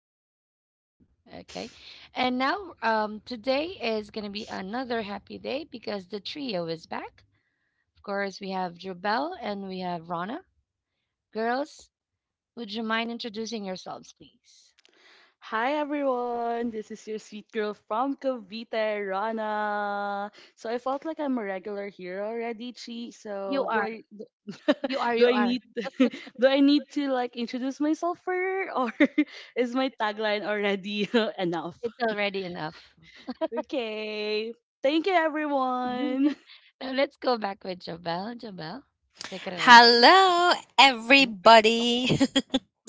uh, season two. Okay, and now today is going to be another happy day because the trio is back. Of course, we have Jobel and we have Rana. Girls, would you mind introducing yourselves, please? Hi everyone, this is your sweet girl from Cavite, Rana. So I felt like I'm a regular here already, Chi. So You do are. I You are. do You I are. need do I need to like introduce myself further or is my tagline already enough? It's already enough. Okay. Thank you everyone. So let's go back with Jobelle. Jobelle, take it away, please. Hello, Mm. everybody.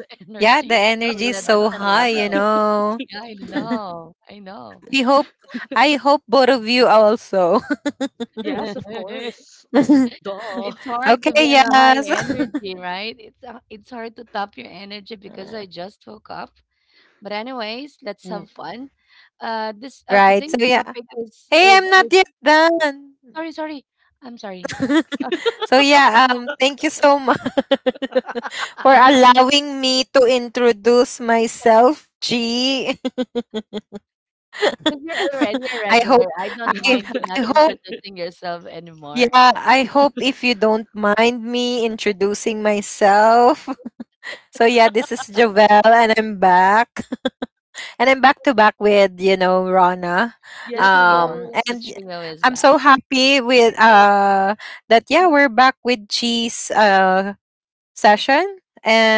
The Yeah, the energy? So energy we is at so different high, you level. know. Yeah, I know. I know. We I hope both of you also. Yes, of course. Duh. It's hard to Okay, be on a high yes. energy, right? It's hard to top your energy because I just woke up. But anyways, let's N- have fun. This right. So, today's yeah. topic is Hey, is, I'm not is yet done. sorry, sorry. I'm sorry. Thank you so much for allowing me to introduce myself, G. Because you're already a I regular, hope I don't I mind you I not hope introducing yourself anymore. Yeah, I hope, if you don't mind me introducing myself. So yeah, this is Jovel and I'm back. And I'm back to back with, you know, Rana. The Yes, of Um trio, the and course. y- trio is I'm so back. happy Me with with we're mhm, back with G's session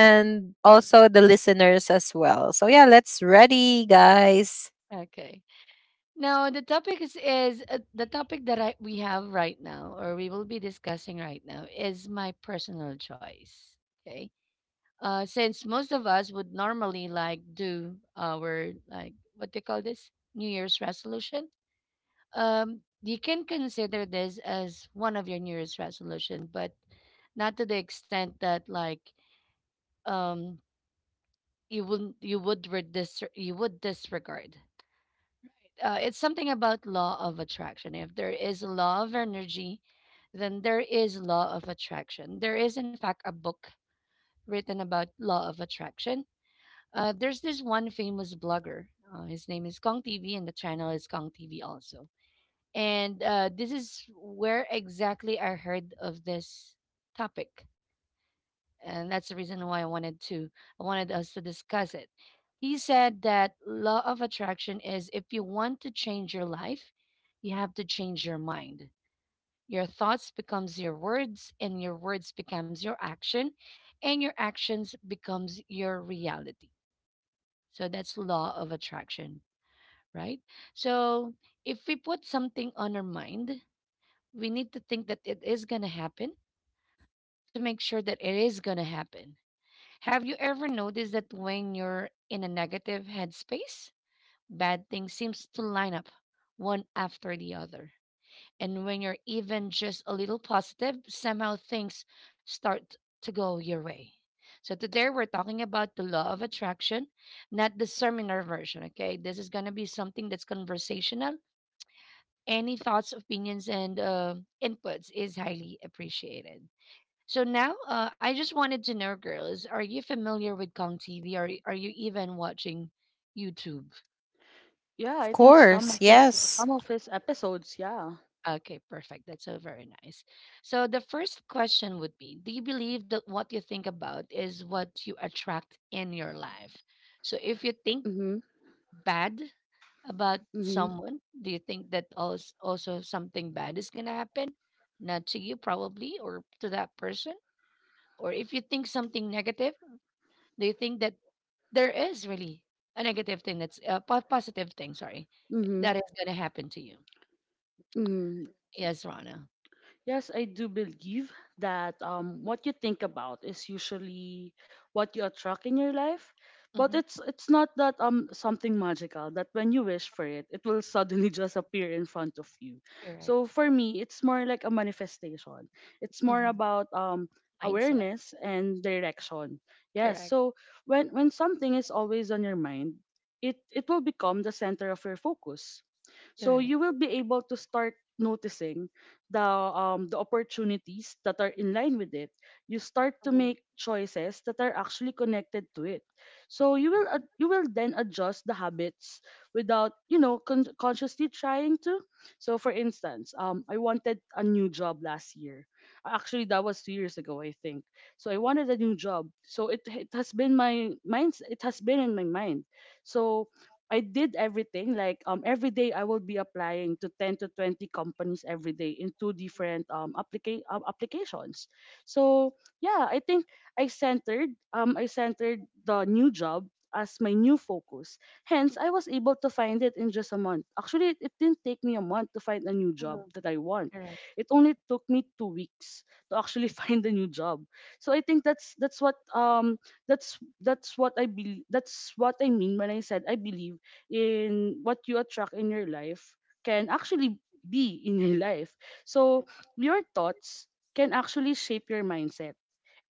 mhm. also the listeners as well. So yeah, let's ready, guys. Okay. Now the topic is the topic that I we have right now, or we will be discussing right now, is my personal choice. Okay. Since most of us would normally like do our like what they call this New Year's resolution. You can consider this as one of your New Year's resolution, but not to the extent that like um you would disregard. It's something about law of attraction. If there is law of energy, then there is law of attraction. There is in fact a book written about law of attraction. There's this one famous blogger. His name is Kong TV, and the channel is Kong TV also. And this is where exactly I heard of this topic, and that's the reason why I wanted us to discuss it. He said that law of attraction is if you want to change your life, you have to change your mind. Your thoughts becomes your words and your words becomes your action and your actions becomes your reality. So that's law of attraction, right? So if we put something on our mind, we need to think that it is going to happen to make sure that it is going to happen. Have you ever noticed that when you're in a negative headspace, bad things seems to line up one after the other? And when you're even just a little positive, somehow things start to go your way. So today we're talking about the law of attraction, not the seminar version, okay? This is going to be something that's conversational. Any thoughts, opinions and inputs is highly appreciated. So now, I just wanted to know, girls, are you familiar with Kong TV? Are you even watching YouTube? Yeah, Of I think some course, of his yes. some of his episodes, yeah. Okay, perfect. That's so very nice. So the first question would be: Do you believe that what you think about is what you attract in your life? So if you think Mm-hmm. bad about Mhm. someone, do you think that also something bad is gonna happen? Not to you, probably, or to that person. Or if you think something negative, do you think that there is really a po- positive thing, sorry, Mhm. that is going to happen to you. Mhm. Yes, Rana. Yes, I do believe that what you think about is usually what you attract in your life, but Mm-hmm. it's not that something magical that when you wish for it, it will suddenly just appear in front of you. So Correct. for me, it's more like a manifestation. It's more Mm-hmm. about Mindset. awareness and direction. Yes, Correct. so when something is always on your mind, it will become the center of your focus. So Correct. you will be able to start noticing the opportunities that are in line with it. You start to make choices that are actually connected to it. So Correct. You will then adjust the habits without you know consciously trying to. So for instance, I wanted a new job last year. Actually, that was 2 years ago, I think. So I wanted a new job. So it has been in my mind. So I did everything. Every day I will be applying to 10 to 20 companies every day in two different applications. So yeah, I think I centered the new job as my new focus. Hence, Mhm. I was able to find it in just a month. Actually, it didn't take me a month to find a new job that I want. Correct. It only took me 2 weeks to actually find a new job. So I think that's what I believe that's what I mean when I said I believe in what you attract in your life can actually be in your life. So your thoughts can actually shape your mindset.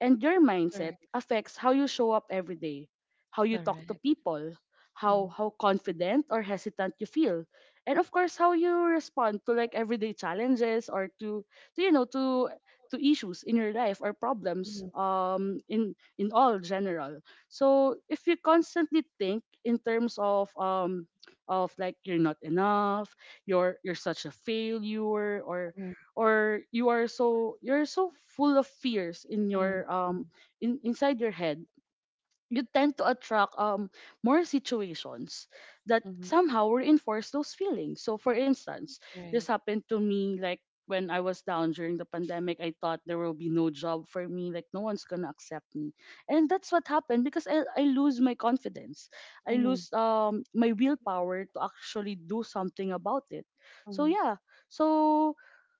And your mindset affects how you show up every day, how you talk to Correct. people, Mm-hmm. how confident or hesitant you feel, and of course how you respond to like everyday challenges to you know to issues in your life or problems Mhm, in all general. So if you constantly think in terms of like you're not enough, you're such a failure mhm, or you are so you're so full of fears in mm-hmm. your in inside your head you tend to attract more situations that Mm-hmm. somehow reinforce those feelings. So for instance, this Right. happened to me like when I was down during the pandemic, I thought there will be no job for me, like no one's gonna accept me. And that's what happened because I lose my confidence. I lose my willpower to actually do something about it. So Mm-hmm. yeah. So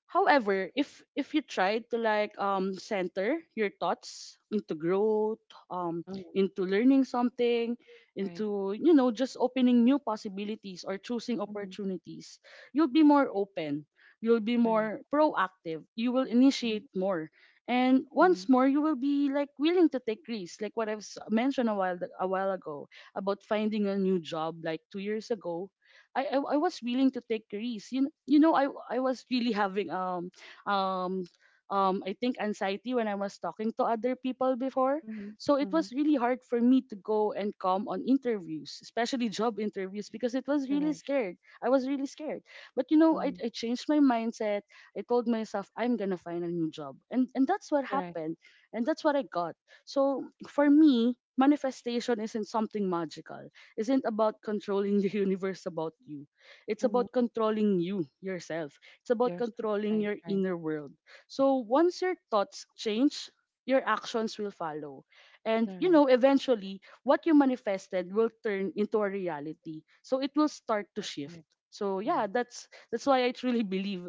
however, if you try to like center your thoughts into growth, um Mm-hmm. into learning something, Right. into, you know, just opening new possibilities or choosing Mm-hmm. opportunities, you'll be more open. You'll be Correct. more proactive. You will initiate more. And once more, you will be like willing to take risks, like what mentioned a while ago about finding a new job, like 2 years ago. I was willing to take risks. You know, I was really having um I think anxiety when I was talking to other people before. Mm-hmm. So it Mm-hmm. was really hard for me to go and come on interviews, especially job interviews, because it was really scared. I was really scared. But you know, I changed my mindset. I told myself I'm gonna find a new job. And that's what Correct. happened. And that's what I got. So for me, manifestation isn't something magical. Isn't about controlling the universe about you. It's about Mm-hmm. controlling you yourself. It's about Yourself. controlling Right. your Right. inner world. So once your thoughts change, your actions will follow. And you Correct. know, eventually, what you manifested will turn into a reality. So it will start to shift. Correct. So yeah, Correct. that's why I truly believe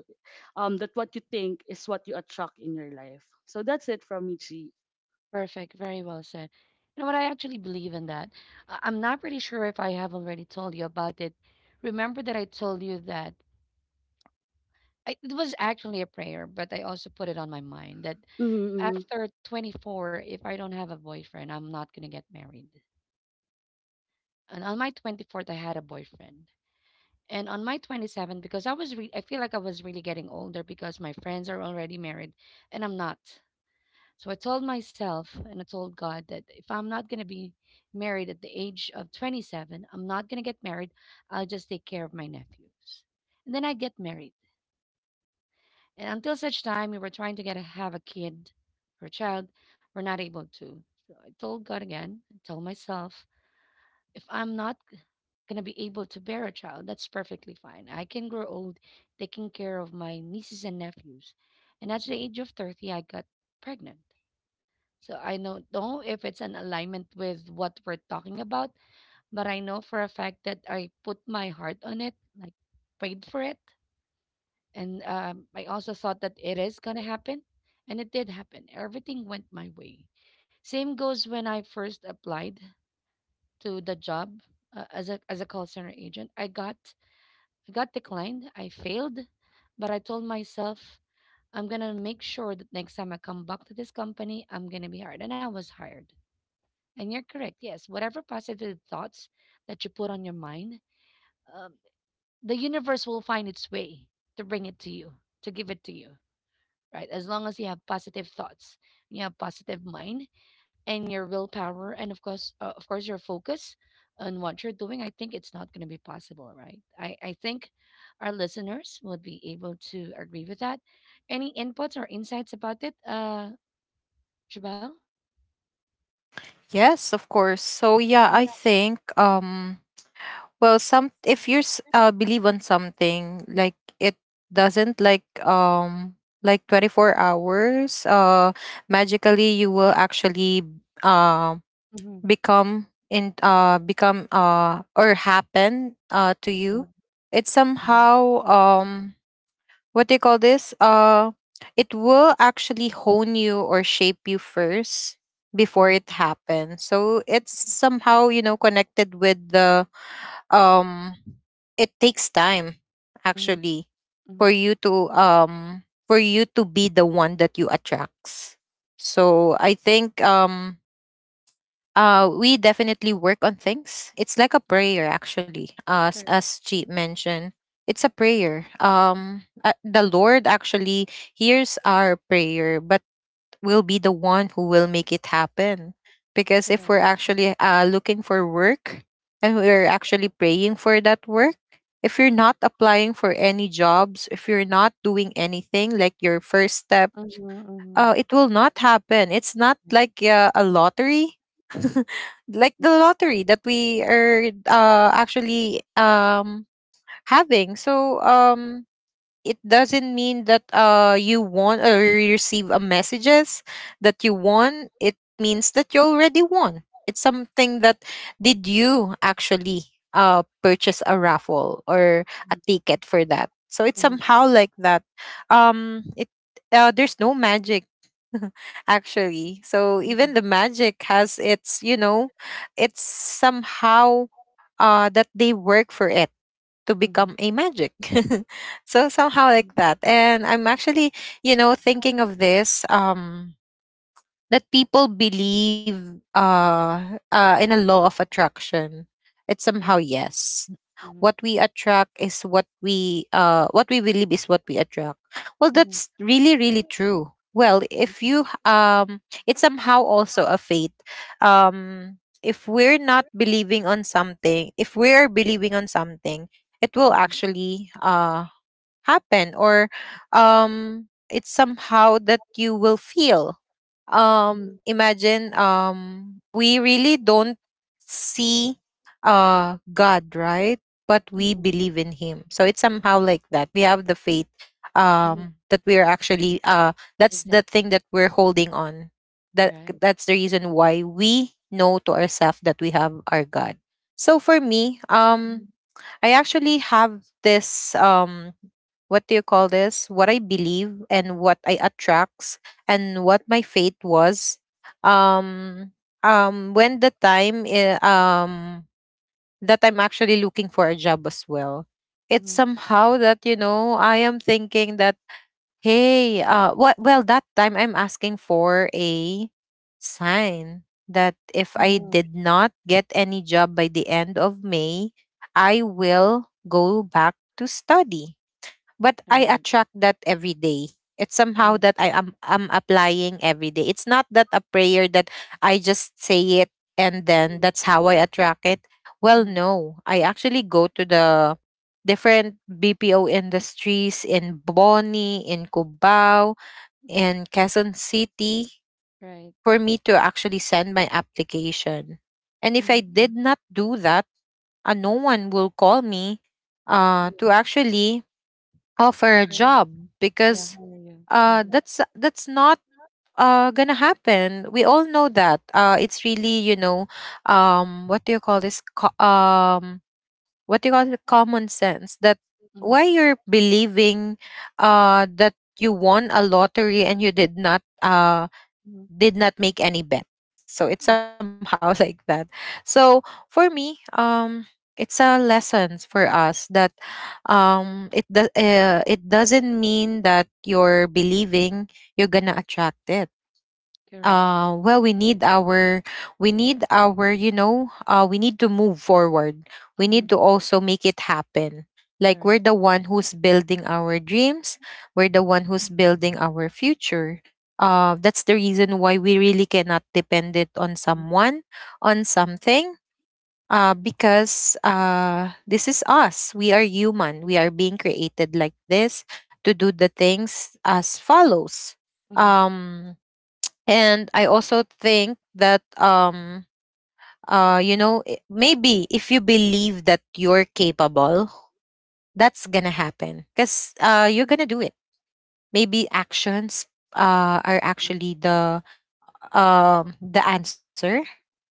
that what you think is what you attract in your life. So that's it from Michi. Perfect. Very well said. You know what? I actually believe in that. I- I'm not pretty sure if I have already told you about it. Remember that I told you that I, it was actually a prayer, but I also put it on my mind that Mm-hmm, mm-hmm, after 24, if I don't have a boyfriend, I'm not going to get married. And on my 24th, I had a boyfriend. And on my 27th, because I was, re- I feel like I was really getting older because my friends are already married and I'm not. So I told myself and I told God that if I'm not going to be married at the age of 27, I'm not going to get married. I'll just take care of my nephews. And then I get married. And until such time, we were trying to have a kid or a child. We're not able to. So I told God again, I told myself, if I'm not going to be able to bear a child, that's perfectly fine. I can grow old taking care of my nieces and nephews. And at the age of 30, I got pregnant. So I don't know if it's an alignment with what we're talking about, but I know for a fact that I put my heart on it, like prayed for it. And I also thought that it is going to happen. And it did happen. Everything went my way. Same goes when I first applied to the job as a call center agent. I got declined. I failed. But I told myself, I'm going to make sure that next time I come back to this company, I'm going to be hired. And I was hired. And you're correct. Yes, whatever positive thoughts that you put on your mind, um, the universe will find its way to bring it to you, to give it to you, right? As long as you have positive thoughts, you have positive mind, and your willpower, and of course, your focus on what you're doing. I think it's not going to be possible, right? I think our listeners would be able to agree with that. Any inputs or insights about it, Jabal? Yes, of course. So yeah, I think Well, some if you s- believe on something. Like, it doesn't, like 24 hours magically you will actually uh, Mm-hmm. become in become or happen to you. Mm-hmm. It's somehow, what do you call this? It will actually hone you or shape you first before it happens. So it's somehow, you know, connected with the um, it takes time Mm-hmm. actually for you to, for you to be the one that you attracts. So I think We definitely work on things. It's like a Mm-hmm. prayer, actually, Correct, as she mentioned. It's a prayer. The Lord actually hears our prayer, but will be the one who will make it happen. Because if correct. we're actually, looking for work and we're actually praying for that work, if you're not applying for any jobs, if you're not doing anything like your first step, Mhm, mhm. It will not happen. It's not like a lottery. Like Right, the lottery that we are, actually having. It doesn't mean that you won, or you receive a messages that you won, it means that you already won. It's something that, did you actually purchase a raffle or mhm, a ticket for that? So it's somehow like that. It There's no magic actually. So mhm, even the magic has its, you know, it's somehow that they work for it to mhm. become a magic. So somehow like that. And I'm actually, you know, thinking of this, that people believe in a law of attraction. It's somehow, Correct. yes, Mhm, what we attract is what we believe is what we attract. Well, mhm, that's really really true. Well if mhm, you h- It's somehow also a faith. um if we're not believing on something, if we're believing on something, it will mhm, actually happen. Or It's somehow that you will feel, mhm, imagine, we really don't see God, right? But we believe in him. So it's somehow like that, we have the faith mhm. That we are actually that's the Exactly. thing that we're holding on, that Right. that's the reason why we know to ourselves that we have our God. So for me, Mhm, I actually have this, what do you call this? What I believe and what I attracts and what my fate was. Um when the time that I'm actually looking for a job as well. It's mhm, somehow that, you know, I am thinking that, hey, what? Well, that time I'm asking for a sign that if I mhm. did not get any job by the end of May, I will go back to study. But I Right. attract that every day. It's Mhm, somehow that I'm applying every day. It's not that a prayer that I just say it and then that's how I attract it. Well, mhm, no. I actually go to the different BPO industries in Boni, in Cubao, mhm. in Quezon City Right. for me to actually send my application. And if Mhm, I mhm. did not do that, no one will call me to actually offer a How are you? job. Yeah, Because how are you? Uh-huh. that's not gonna happen. We all know that it's really, you know, what do you call this Co- what do you call it common sense. That Mhm, Why you're believing that you won a lottery and you mhm, did not make any bet. So mhm. it's somehow like that. So for me, it's a lesson for us that, it doesn't mean that you're believing you're gonna attract it. Correct. Well, we need our, you know, we need to move forward, we need Mhm, to also make it happen. Like, correct. we're the one who's building our dreams, we're the one who's building our future. That's the reason why we really cannot depend it on Mhm, someone, on something. Because this is us, we are human, we are being created like this to do the things as follows. mhm, um and I also think that, you know, maybe if you believe that you're capable, that's gonna happen, because you're gonna do it. Maybe actions are actually the, the answer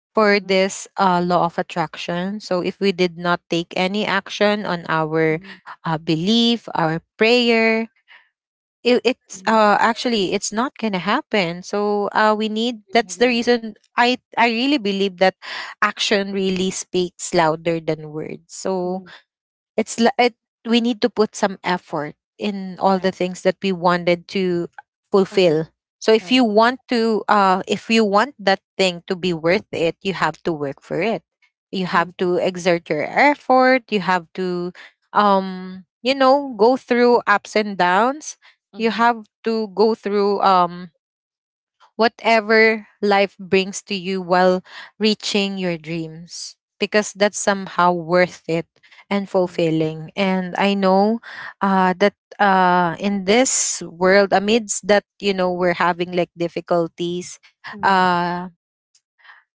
for mhm, this law of attraction. So if we did not take any action on our belief, our prayer, it's mhm. Actually it's not gonna happen. So we need, Agree, that's agree. the reason I really believe that action really speaks louder than words. Mhm, So it's li- it we need to put some effort in correct. all the things that we wanted to Uh-huh, fulfill. So right. if you want to, if you want that thing to be worth it, you have to work for it, you Mhm, have to exert your effort, you have to, you know, go through ups and downs, you mhm, have to go through, whatever life brings to you while reaching your dreams, because that's somehow worth it and correct. fulfilling. And I know that in this world, amidst that, you know, we're having like difficulties, Mhm, uh,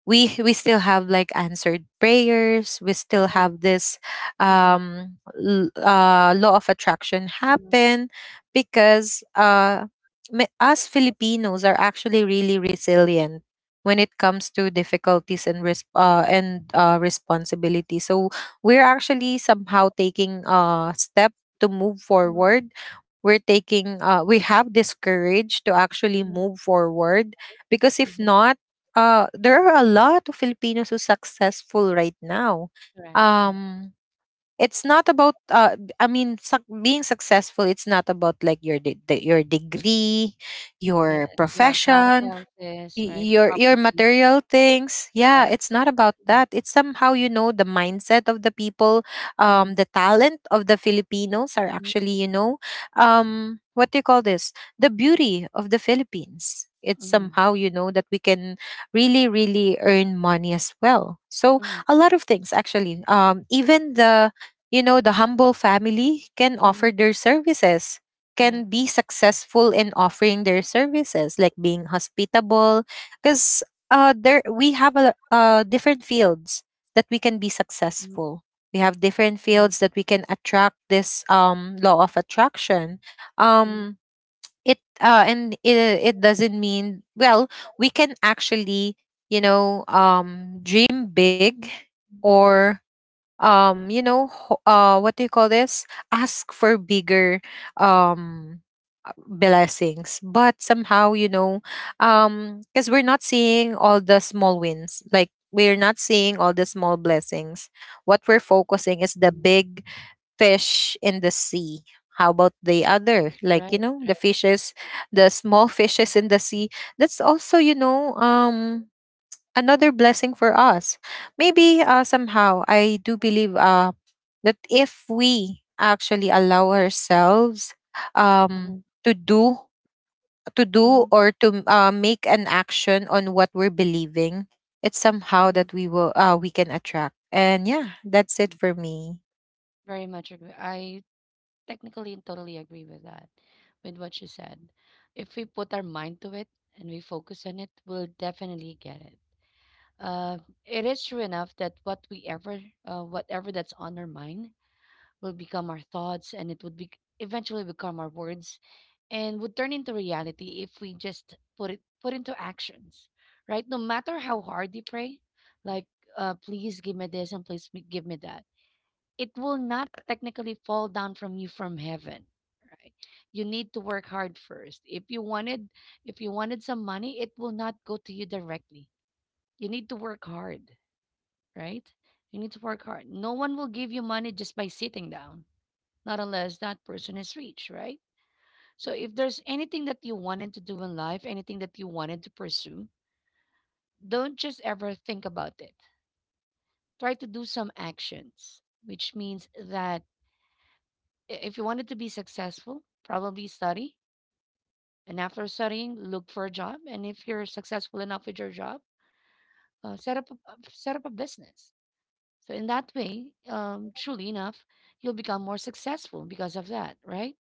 we still have like answered prayers, we still right. have this, Mhm, law of attraction mhm, happen. Because us Filipinos are actually really resilient when it comes to difficulties and responsibility. So we're actually somehow taking a step to move mhm, forward, we're taking we have this courage to actually mhm, move forward. Because if mhm. not, there are a lot of Filipinos who successful right now. Correct, correct. Um, it's not about, I mean, suc being successful. It's not about like your your degree, Yes, your you have a lot of profession, houses, right? Your Property, material things. Yeah, right? it's not about Mhm, that. It's somehow, you know, the mindset of the people, mhm, the talent of the Filipinos are mhm, actually, you know, what do you call this the beauty of the Philippines. It's mhm, somehow, you know, that we can really really earn money as well. mhm, So mhm, a lot of things actually, even the, you know, the humble family can mhm, offer their services, correct. can be successful in offering their services, like being hospitable. Because there we have a, different fields that we can be Mhm, successful. We have different mhm, fields that we can attract this, law of attraction. mhm, Um, it uh, and it, it doesn't mean, well, we can actually, you know, dream big, or, you know ho- what do you call this ask for bigger, um blessings. But somehow, you know, because we're not seeing all the small wins, like we're not seeing all the small blessings, what we're mhm, focusing is the big fish in the sea. How about the right, other, right. like, you know, the fishes, the small fishes in the sea? That's also, you know, another blessing for us. Maybe, somehow I do believe that if we actually allow ourselves, Mhm, to do, to mhm, do or to, make an action on what we're believing, it's somehow mhm. that we will, we can attract. And yeah, that's Agree. it for me. Very much agree. I technically and totally agree with that, with what you said. If we put our mind to it and we focus on it, we'll definitely get it. Uh, it is true enough that whatever that's on our mind, will become our thoughts and it would be eventually become our words and would turn into reality if we just put into actions, right? No matter how hard you pray, like please give me this and give me that, it will not technically fall down from you from heaven, right? You need to work hard first. If you wanted some money, it will not go to you directly. You need to work hard, right? You need to work hard. No one will give you money just by sitting down, not unless that person is rich, right? So if there's anything that you wanted to do in life, anything that you wanted to pursue, don't just ever think about it. Try to do some actions, which means that if you wanted to be successful, probably study. And after studying, look for a job. And if you're successful enough with your job, set up a business. So in that way, truly enough, you'll become more successful because of that, right?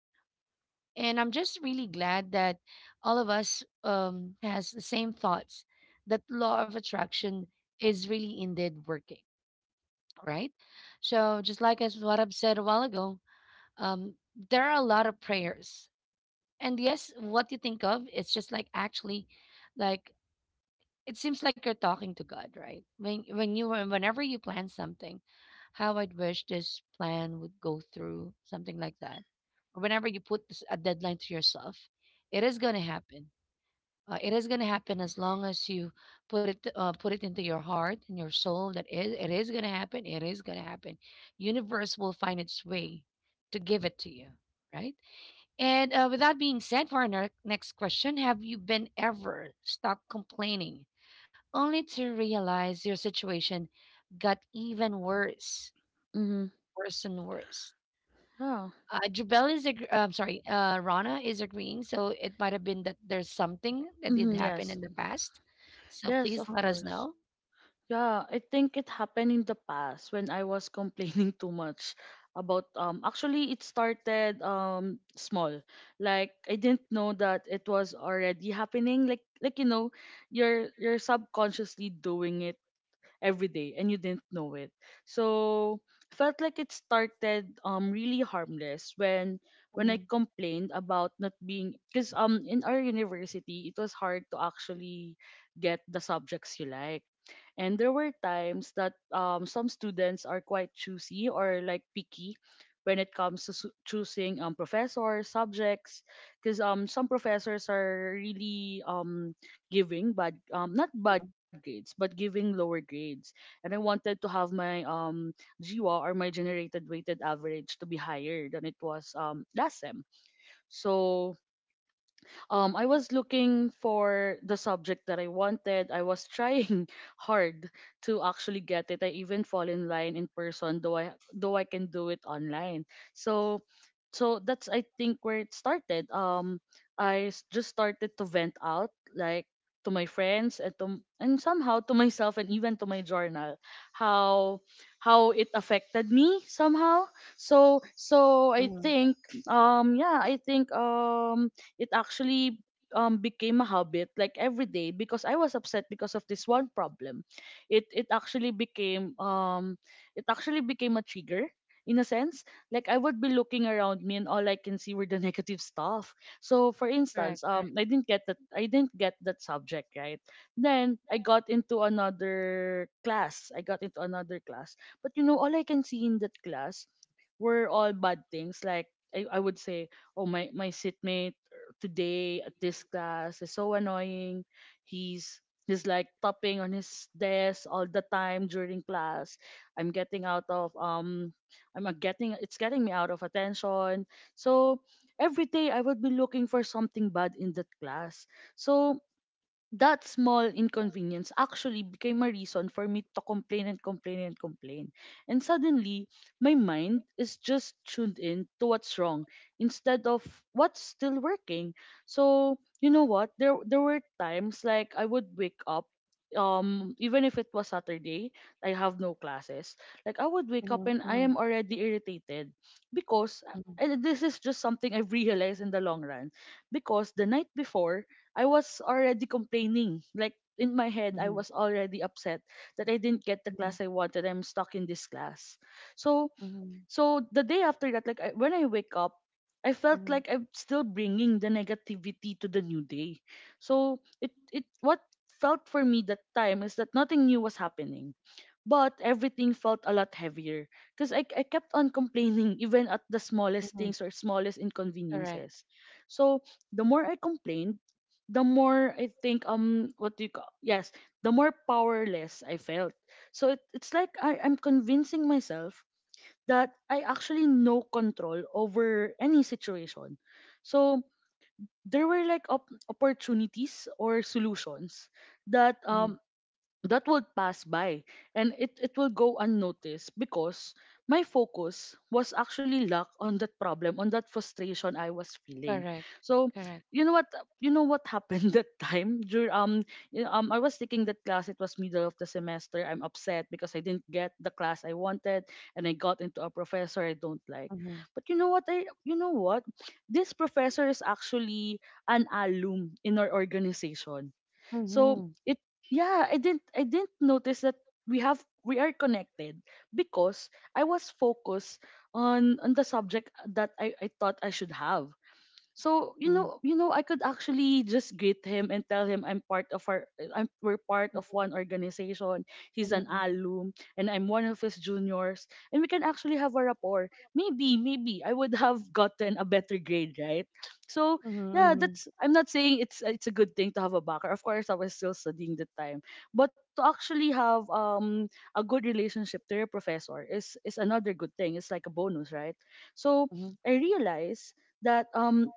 And I'm just really glad that all of us has the same thoughts that law of attraction is really indeed working, right? So just like as what I've said a while ago, um, there are a lot of prayers, and yes, what you think of, it's just like actually, like, it seems like you're talking to God, right? When whenever you plan something, how I'd wish this plan would go through, something like that. Or whenever you a deadline to yourself, it is gonna happen. It is gonna happen as long as you put it into your heart and your soul that it is gonna happen. It is gonna happen. Universe will find its way to give it to you, right? And with that being said, for our next question, have you been ever stuck complaining, only to realize your situation got even worse, mm-hmm. worse and worse? Yeah. I'm sorry, Rana is agreeing. So it might have been that there's something that did Mm-hmm, happen yes. in the past. So Yes, please of let us course. know. Yeah, I think it happened in the past when I was complaining too much about actually it started small. Like I didn't know that it was already happening. Like you know, you're subconsciously doing it every day and you didn't know it. So felt like it started really harmless when I Mhm, complained about not being because in our university it was hard to actually get the subjects you like and there were times that some students are quite choosy or like picky when it comes to choosing professors, subjects, because some professors are really giving bad, not bad grades, but giving lower grades. And I wanted to have my GWA or my generated weighted average to be higher than it was last sem. So I was looking for the subject that I wanted. I was trying hard to actually get it. I even fall in line in person, though I can do it online. So, so that's I think where it started. Just started to vent out like to my friends and to and somehow to myself and even to my journal how it affected me somehow. So so I think yeah I think It actually became a habit like every day because I was upset because of this one problem. It it actually became um it actually became a trigger in a sense. Like I would be looking around me and all I can see were the negative stuff. So for instance, I didn't get that subject, right? Then I got into another class. I got into another class. But you know, all I can see in that class were all bad things like I would say, oh my my seatmate today at this class is so annoying. He's he's like tapping on his desk all the time during class. I'm getting out of I'm getting It's getting me out of attention. So every day I would be looking for something bad in that class. So that small inconvenience actually became a reason for me to complain and complain and complain. And suddenly, my mind is just tuned in to what's wrong instead of what's still working. So, you know what? There were times like I would wake up even if it was Saturday, I have no classes. Like I would wake up and mhm, I am already irritated because mhm, and this is just something I've realized in the long run because the night before I was already complaining. Like in my head, I was already upset that I didn't get the class I wanted. I'm stuck in this class. So mhm, so the day after that, when I wake up, I felt mhm, like I'm still bringing the negativity to the new day. So it what felt for me that time is that nothing new was happening, but everything felt a lot heavier because I kept on complaining even at the smallest mhm. things or smallest Correct. inconveniences. So the more I complained, the more I think what do you call yes, the more powerless I felt. So it's like I'm convincing myself that I actually no control over any situation. So there were like opportunities or solutions that Mhm, that would pass by and it will go unnoticed because my focus was actually locked on that problem on that frustration I was feeling. correct. So Correct. you know what, you know what happened that time? You know, I was taking that class, it was middle of the semester, I'm upset because I didn't get the class I wanted and I got into a professor I don't like. Mhm, But you know what, I you know what, this professor is actually an alum in our organization. So mhm, it, yeah, I didn't notice that we are connected because I was focused on the subject that I thought I should have. So mhm, you know, I could actually just greet him and tell him I'm we're part of one organization. He's mhm, an mhm, alum, and I'm one of his juniors, and we can actually have a rapport. Maybe, maybe I would have gotten a better grade, right? So mhm, yeah, mhm, that's. I'm not saying it's a good thing to have a backer. Of course, I was still studying the time, but to actually have a good relationship to your professor is another good thing. It's like a bonus, right? So mhm, I realize that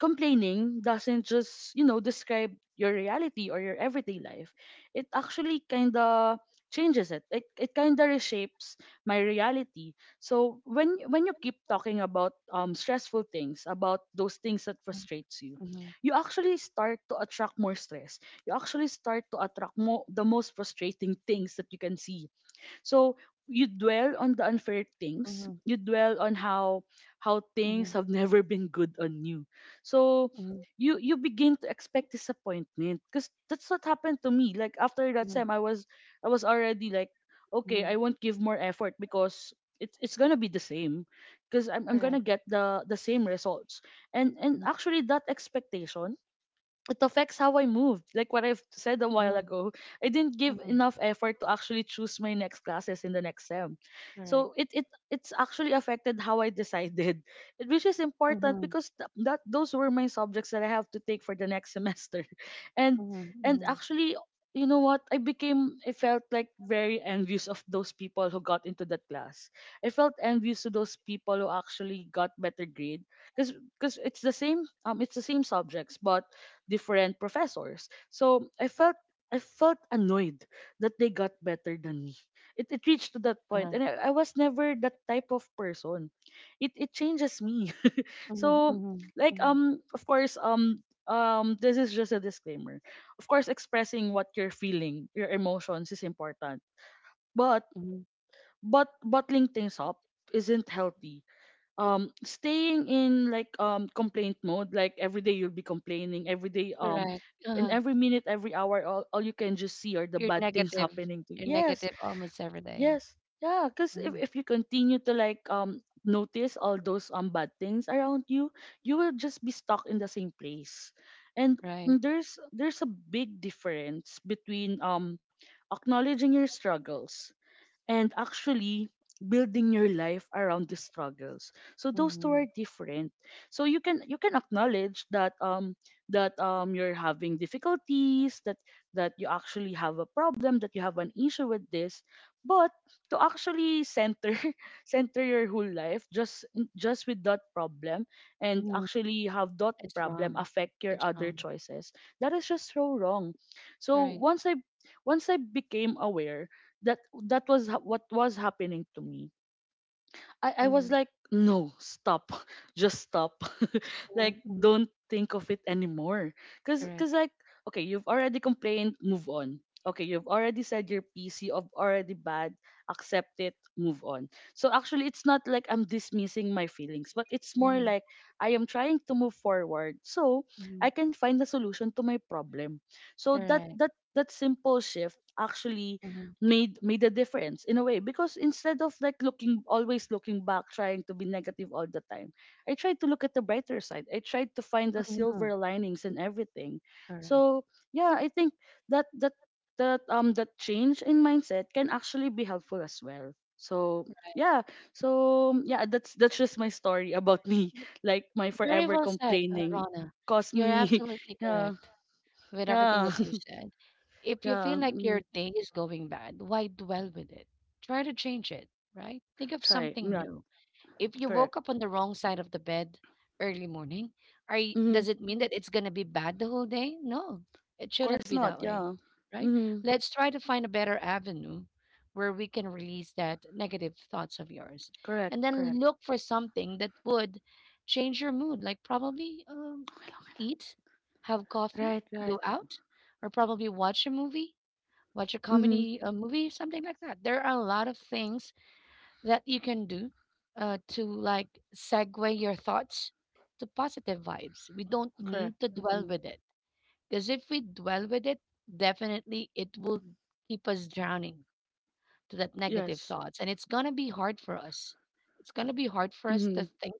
complaining doesn't just, you know, describe your reality or your everyday life. It actually kind of changes it. It kind of reshapes my reality. So when you keep talking about stressful things, about those things that frustrates you, mhm, you actually start to attract more stress. You actually start to attract more the most frustrating things that you can see, so you dwell on the unfair things. mhm, You dwell on how mhm, things have never been good on you. So mhm, you begin to expect disappointment because that's what happened to me. Like after that mhm, time, I was already like, okay, mhm, I won't give more effort because it's gonna be the same because I'm correct. gonna get the same results. And actually that expectation, it affects how I moved. Like what I've said a while Mhm, ago, I didn't give mhm, enough effort to actually choose my next classes in the next sem. correct. So it's actually affected how I decided, which is important Mhm, because that those were my subjects that I have to take for the next semester, and mhm, and mhm. actually. You know what? I became, I felt like very envious of those people who got into that class. I felt envious to those people who actually got better grade because it's the same subjects, but different professors. So I felt annoyed that they got better than me. It reached to that Uh-huh. point, and I was never that type of person. It changes me. Mhm, So mhm, like mhm, of course this is just a disclaimer. Of course, expressing what you're feeling, your emotions is important, but mhm. but bottling things up isn't healthy. Staying in like complaint mode, like every day you'll be complaining every day, Correct. in Uh-huh. every minute, every hour, all you can just see are the You're bad things negative. happening to you. You're Yes, negative almost every day. yes, yeah, because if, Mhm. if you continue to like notice all those bad things around you, you will just be stuck in the same place. And Right. there's a big difference between acknowledging your struggles and actually building your life around these struggles, so those two Mhm, are different. So you can acknowledge that that you're having difficulties, that that you actually have a problem, that you have an issue with this, but to actually center center your whole life just with that problem and mhm. actually have that It's problem wrong. affect your It's other wrong. choices, that is just so wrong. So Right. once I once I became aware that what was happening to me, I was Mhm, like, no, stop, just stop. Like, mhm, mhm. don't think of it anymore Correct. because like, okay, you've already complained, move on. Okay, you've already said your pc of already bad, accept it, move on. So actually it's not like I'm dismissing my feelings, but it's more Mhm, like I am trying to move forward so I mhm. can find a solution to my problem. So that Correct. that that simple shift actually Mhm, made a difference in a way, because instead of like looking, always looking back, trying to be negative all the time, I tried to look at the brighter side. I tried to find the mhm. silver linings and everything. Correct. So yeah, I think that that that change in mindset can actually be helpful as well. So yeah, so yeah, that's just my story about me. Like my Very forever well said, complaining Rana. caused You're me, absolutely yeah, correct with everything yeah, that you said. If you yeah. feel like your Mm, day is going bad, why dwell with it? Try to change it, right? Think of try something not. new. If you Correct. woke up on the wrong side of the bed early morning, are y does Mm, it mean that it's gonna be bad the whole day? No, it of shouldn't course be not. that way, Yeah. right? Mm, Let's try to find a better avenue where we can release that negative thoughts of yours, and correct, then correct. look for something that would change your mood, like probably Okay lang, okay lang. eat, have coffee, Right, right. go out, or probably watch a movie, watch a Mm, comedy, a movie, something like that. There are a lot of things that you can do to like segue your thoughts to positive vibes. We don't correct. need to dwell Hmm. with it, because if we dwell with it, definitely it will keep us drowning to that negative Yes. thoughts, and it's gonna be hard for us. It's gonna be hard for us to Mm-hmm. think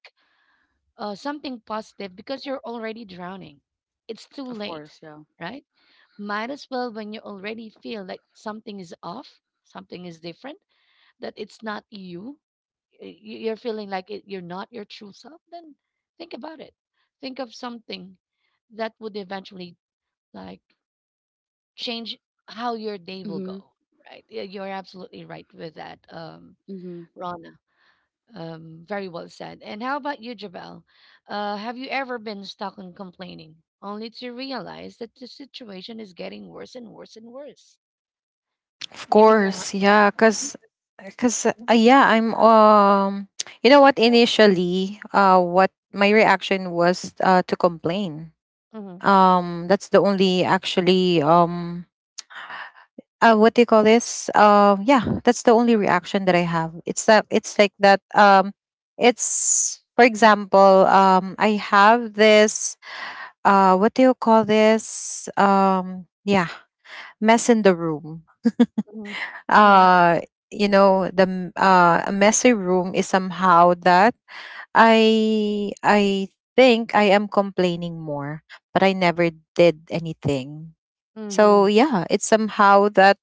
something positive because you're already drowning. It's too Of late, course. Yeah. right? Might as well when you already feel like something is off, something is different, that it's not you, you're feeling like it, you're not your true self, then think about it. Think of something that would eventually like change how your day will Mm-hmm. go. Right? Yeah, you're absolutely right with that, Mm-hmm. Rana. Very well said. And how about you, Jabal? Have you ever been stuck on complaining, only to realize that the situation is getting worse and worse and worse, Of giving you a, oh, hard, course, yeah, yeah. cause, cause Because, yeah, I, I'm you know what? Initially, what my reaction was to complain. That's the only actually, what do you call this yeah, that's the only reaction that I have. It's that, it's like that, it's for example, I have this, what do you call this yeah, mess in the room. you know, hmm. uh you know, a messy room is somehow that I think I am complaining more, but I never did anything. So Mhm. yeah, it's somehow that,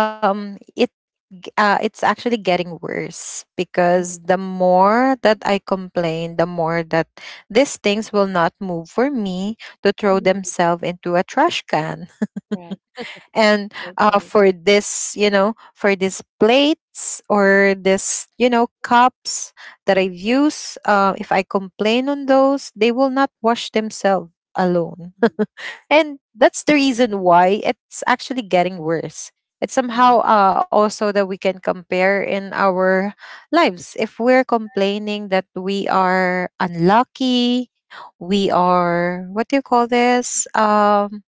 um it it's actually getting worse, So, mhm. because the more that I complain, the more that these things will not move for me to throw Mhm. themselves into a trash can. Right, And right, right. for this, you know, for these plates or this, you know, cups that I've used, if I complain on those, they will not wash themselves alone. Mhm. And that's the reason why it's actually getting worse. It's somehow Mhm. Also that we can compare in our lives. If we're complaining that we are unlucky, we are, what do you call this?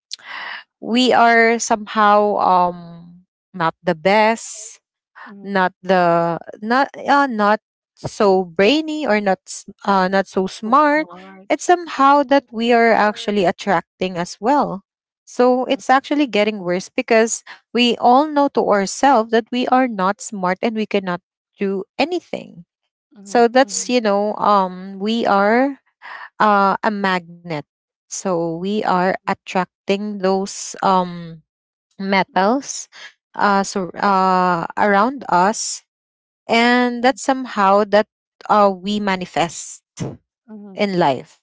We are somehow not the best, Mhm. Not so brainy or not so So smart. It's smart. somehow that we are actually attracting as well, so Mm, it's actually getting worse because we all know to ourselves that we are not smart and we cannot do anything. mhm. So that's we are a magnet, so we are attracting those metals around us. And that's somehow that we manifest Mm, mhm. in life.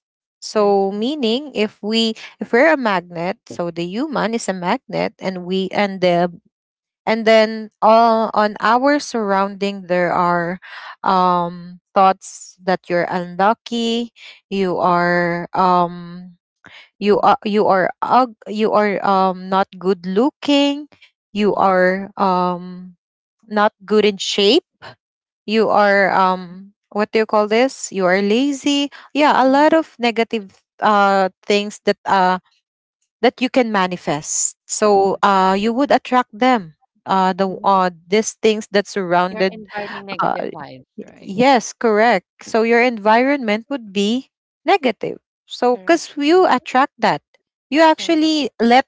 Right, So right. meaning if we, if we're a magnet, so the human is a magnet and we and the and then all on our surrounding there are thoughts that you're unlucky, you are you Mhm. are you are ug- you are um not good looking, you Mhm. are not good in shape, you are what do you call this, you are lazy, yeah, a lot Mhm. of negative things that you can manifest, so Mhm. You would attract them, Mhm. These things that You're surrounded. inviting uh negative vibes, right? yes, correct, so your environment would be negative, so Correct. because you Mm. attract that, you Correct. actually let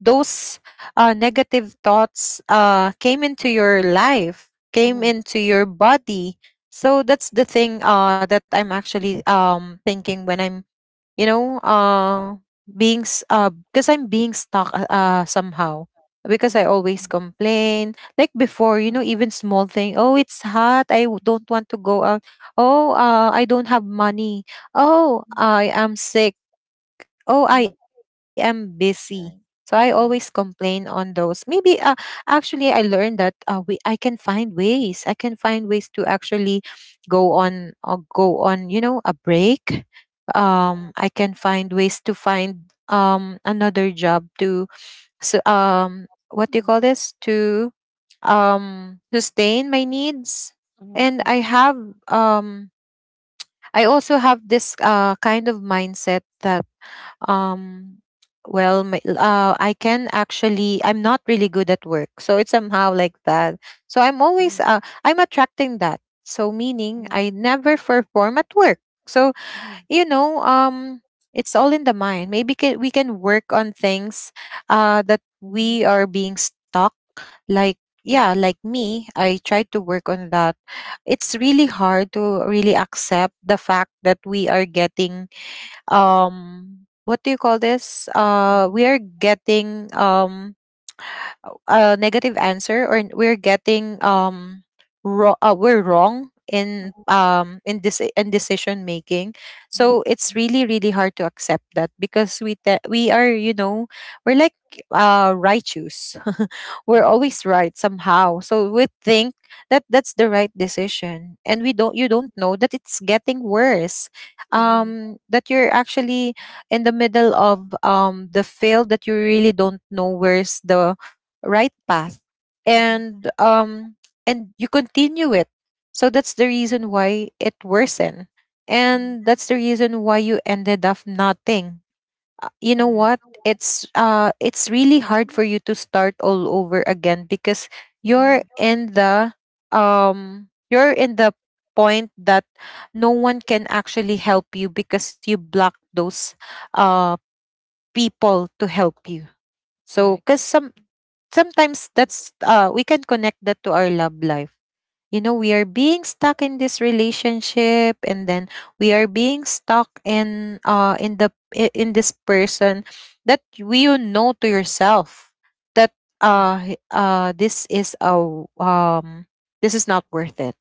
those negative thoughts came into your life, came Mhm. into your body. So that's the thing that I'm actually thinking when I'm, you know, uh, being, s- because 'cause I'm being stuck somehow. Because I Mhm. always complain. Like before, you Mhm. know, even small thing. Oh, it's hot. Don't want to go out. Oh, I don't have money. Oh, I am sick. Oh, I Mhm. am busy. So I Correct. always complain Correct. on those. Maybe Actually, I learned that we I can find ways, I can find ways to actually go Mhm. on, or go on, you know, a break. Uh-huh. I can find ways to find another job to, so what do you Mhm. call this, to sustain my needs. And I Mhm. have um I also have this kind of mindset that um, well, I can actually, I'm not really good at work. So it's somehow like that. So I'm always, Mhm. I'm attracting that. So meaning Mhm. I never perform at work. So, Mhm. you know, it's all in the mind. Maybe we can work on things that Mhm. we are being stuck. Like, yeah, like me, I tried to work on that. It's really hard to really accept the fact that we are getting um what do you call this? Mhm. We are getting a negative answer, or we're getting we're wrong Mhm. In this, in decision making. So Mhm. it's really, really hard to accept that because we are, you know, we're like righteous. We're Mhm. always right somehow, so we think that that's the right decision, and we don't you don't know that it's getting worse, Mhm. That you're actually in the middle of the field, that you really don't know where's the right path. Mhm. And um and you continue it. So that's the reason why it worsened, and Mhm. that's the reason why you ended up nothing. You know Correct. what, it's really hard for you to start all over again because you're Mhm. in the you're in the point that no one can actually help you because you block those uh people to help you. Correct. So, because some Sometimes Mhm. that's we can connect that to our love life. You know, we are being stuck in this relationship, and then we are being stuck in in this person, that you know to yourself that this is a this is not worth it.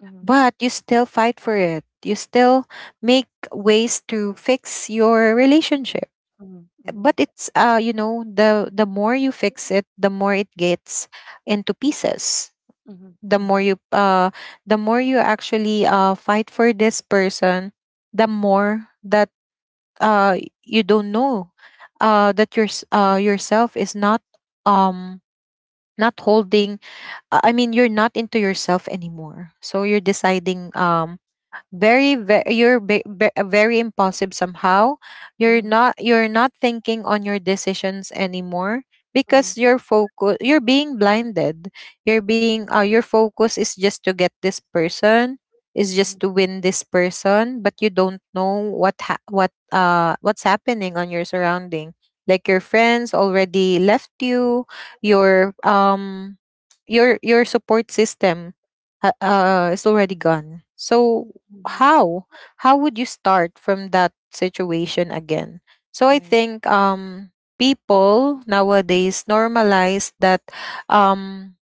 Mhm. But you still fight for it. You still make ways to fix your relationship, Mhm. Mhm. but it's you know, the more you fix it, the more it gets into pieces. Mhm, the more mhm, you uh the more you actually fight for this person, the more that uh you don't know that your yourself is not um not holding. I mean, you're not into yourself anymore, so you're deciding very, very you're very impulsive somehow. Mhm, You're not thinking on your decisions anymore mhm, because your focus you're being blinded, you're being your focus is just to get this person, is mhm, just to win this person, but you don't know what's happening on your surrounding. Like your friends already left you, your um your support system is already gone. So mhm. how how would you start from that situation again? So I Right. think people nowadays normalize that, um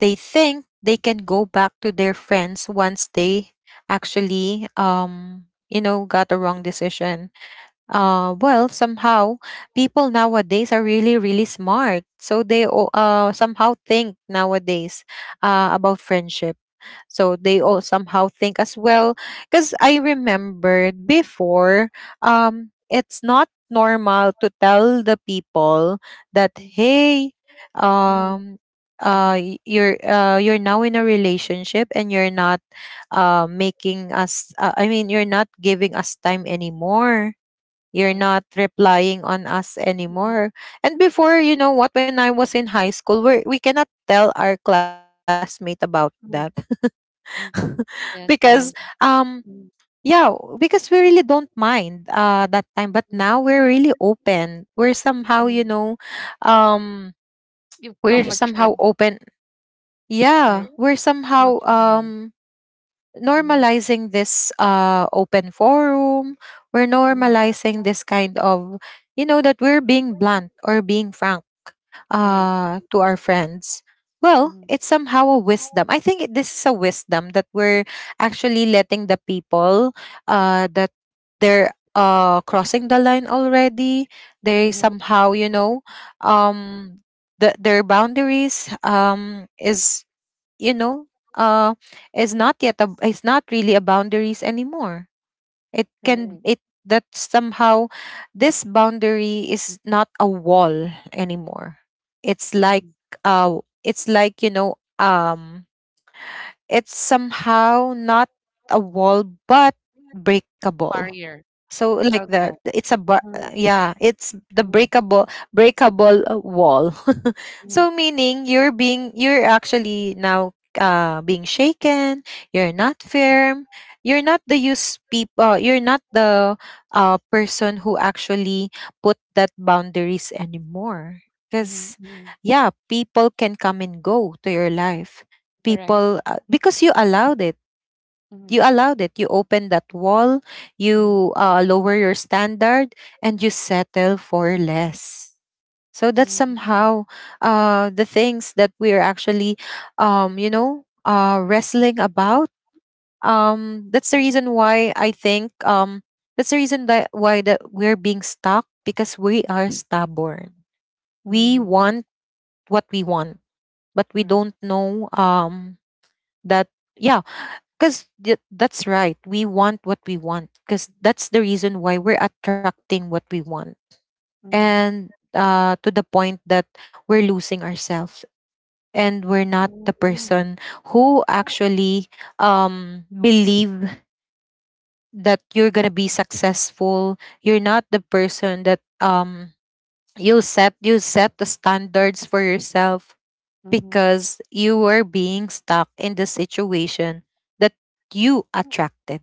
they think they can go back to their friends once they actually you know, got a wrong decision. Mhm, Well, somehow people nowadays are really, really smart, so they somehow think nowadays about friendship, so they mhm, all somehow think as well, because I remembered before, it's not normal to tell the people that, mhm, hey, mhm, um mhm. You're, you're now in a relationship and you're not making us, I mean, you're not giving us time anymore, you're Right. not replying on us Mhm, anymore. And before, you know what, when I was in high school, we cannot tell our classmate about that mhm, mhm. because Yes, yes. um Mhm, yeah, because we really don't mind that time. But mhm, now we're really open, we're somehow, mhm. you know, um we're somehow open, Right. yeah, we're You're somehow mature enough. Mhm, normalizing this open forum. We're mhm. normalizing this kind of, you know, that we're being blunt or being frank, Right. To our friends. Well, Mhm, it's somehow a wisdom. I think this is a wisdom that we're actually letting the people that they're crossing the line already. They mhm. somehow, you know, um, the, their boundaries is, you know, uh, is not yet a, it's not really a boundaries anymore. It Right. can it that somehow this boundary is not a wall anymore. It's like Mhm. It's like, you know, it's somehow not a wall but breakable. Warrior. So like Okay. that, Mhm, yeah, it's the mhm, breakable wall. mhm, So meaning you're being, you're actually now being shaken. You're not mhm, firm. You're not the use people. You're not the person who actually put that boundaries anymore. mhm, Because mhm. yeah, people can come and go to your life. Correct. People, because you allowed it, Mhm, you allowed it. You opened that wall. mhm, You, lower your standard and you settle for less. So that's mhm, mhm, somehow the things that we are actually, wrestling about. That's the mhm, reason why I think that's the reason that why that we're being stuck, because we are stubborn. We mhm. want what we want, but we Correct. don't know that, yeah, because that's right. We want what we want. Because that's the reason why we're attracting what we want. Mhm, And to the point that we're losing ourselves. And we're not the mhm, person who actually believe that you're going to be successful. You're not the person that you'll set, you set the standards for yourself, mhm, mhm, because you were being stuck in the situation that you attracted.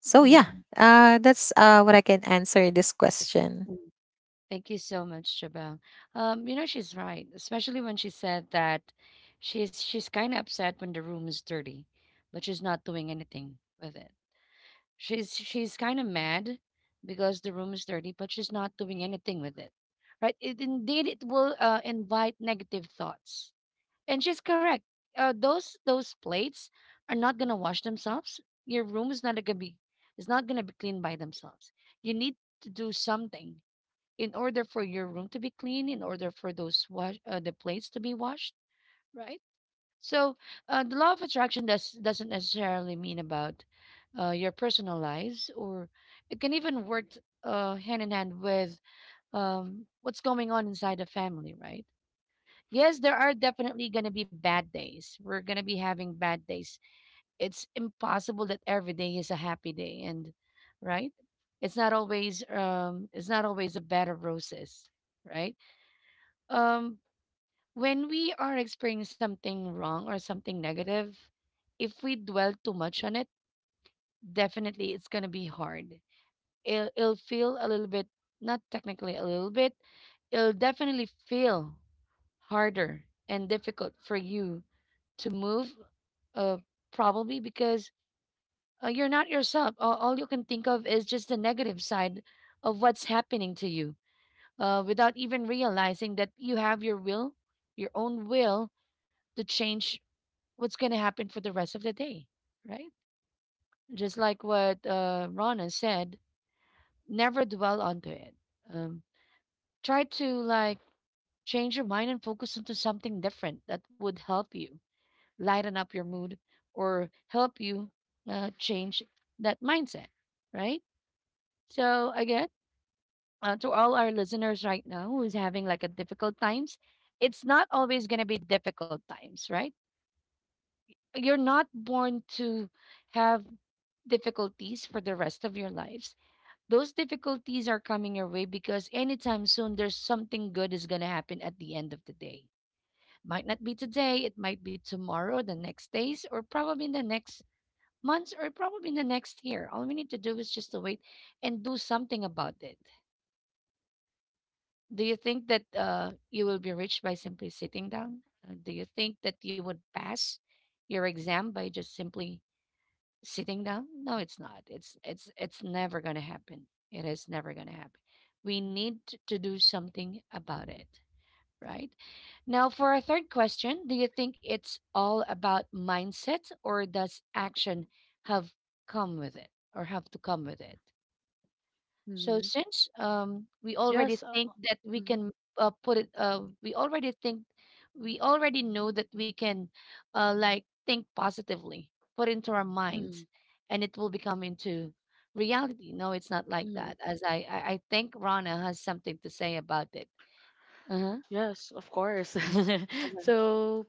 So yeah, mhm. That's what I can answer this question. Thank you so much, Jabel. You know she's right, especially when she said that she's kind of upset when the room is dirty, but she's not doing anything with it. She's kind of mad because the room is dirty, but she's not doing anything with it, right? It, indeed, it will invite negative thoughts, and she's correct. Those plates are not gonna wash themselves. Your room is not gonna be, it's not gonna be cleaned by themselves. You need to do something in order for your room to be clean, in order for those wash, the plates to be washed, right? So the law of attraction doesn't necessarily mean about your personal lives, or it can even work hand in hand with what's going on inside the family, right? Yes, there are definitely going to be bad days. We're going to be having bad days. It's impossible that every day is a happy day, and right? It's not always a bed of roses, right? um when we are experiencing something wrong or something negative, if we dwell too much on it, definitely it's going to be hard. It'll feel a little bit, not technically a little bit, it'll definitely feel harder and difficult for you to move, uh probably because you're not yourself. All you can think of is just the negative side of what's happening to you, without even realizing that you have your will, your own will, to change what's going to happen for the rest of the day, right? Just like what Rana said, never dwell onto it. Um, try to like change your mind and focus into something different that would help you lighten up your mood or help you change that mindset, right? So again, to all our listeners right now who's having like a difficult times, it's not always going to be difficult times, right? You're not born to have difficulties for the rest of your lives. Those difficulties are coming your way because anytime soon there's something good is going to happen at the end of the day. Might not be today, it might be tomorrow, the next days, or probably in the next months, or probably in the next year. All we need to do is just to wait and do something about it. Do you think that you will be rich by simply sitting down? Do you think that you would pass your exam by just simply sitting down? No, it's never going to happen. It is never going to happen. We need to do something about it, right? Now for our third question, do you think it's all about mindset, or does action have come with it, or have to come with it? So Mm-hmm. since we already Yes. Think that we Mm-hmm. can we already think, we already know that we can like think positively, put into our Mm-hmm. minds, and it will become into reality. No, it's not like Mm-hmm. that. As I think, Rana has something to say about it. Uh huh. Yes. Of course. Mm-hmm. So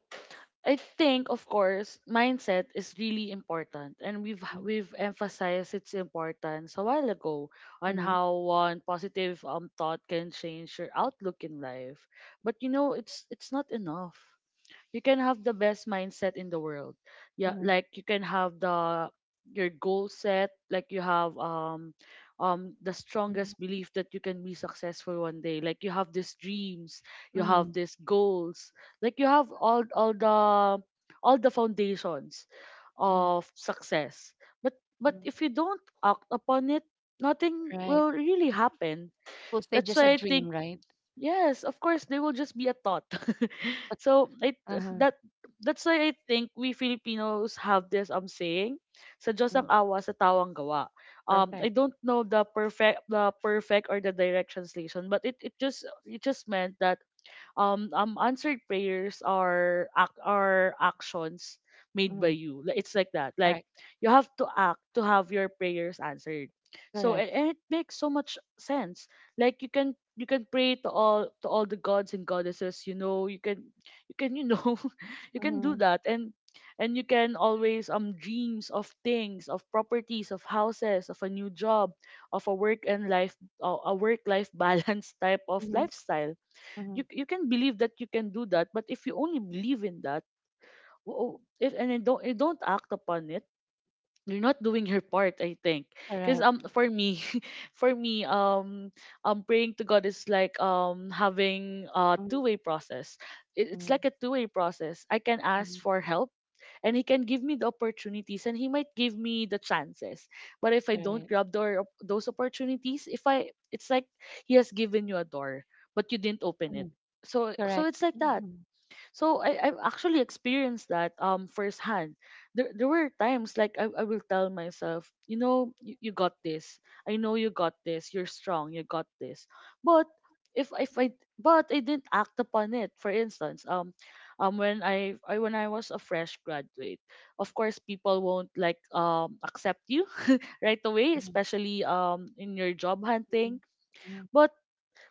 I think, of course, mindset is really important, and we've emphasized its importance a while ago on Mm-hmm. how one positive thought can change your outlook in life. But you know, it's not enough. You can have the best mindset in the world, yeah, Mm-hmm. like you can have the your goal set, like you have the strongest belief that you can be successful one day, like you have these dreams, you Mm-hmm. have these goals, like you have all the all the foundations Mm-hmm. of success, but but if you don't act upon it, nothing Right. will really happen. It will stay That's just a why I dream, think, right? yes, of course, they will just be a thought. So Uh huh. that that's why I think we Filipinos have this saying, sa Diyos ang awa, sa tao ang gawa. I Perfect. don't know the perfect or the direct translation, but it just meant that answered prayers are actions made Mm-hmm. by you. Like, it's like that. Like Correct. you have to act to have your prayers answered. So Correct. and it makes so much sense, like you can pray to all the gods and goddesses, you know, you can you can, you know, you can do Mm-hmm. that, and you can always dreams of things, of properties, of houses, of a new job, of a work and life a work life balance type of lifestyle. Mm-hmm. You can believe that you can do that, but if you only believe in that, if, and you don't act upon it, you're not doing your part, I think, because Correct. For me for me praying to God is like having a Mm, two-way process. It's mm, like a two-way process. I can mm. ask for help, and He can give me the opportunities, and He might give me the chances. But if I don't Right. grab the, those opportunities, if I, it's like He has given you a door, but you didn't open it. Mm. So so Correct. it's like that. Mhm, So I, I've actually experienced that firsthand. There were times like I will tell myself, you know, you got this. I know you got this. You're strong. You got this. But if I, but I didn't act upon it. For instance, when I when I was a fresh graduate, of course people won't like accept you right away, mhm, especially in your job mhm, hunting. mhm, But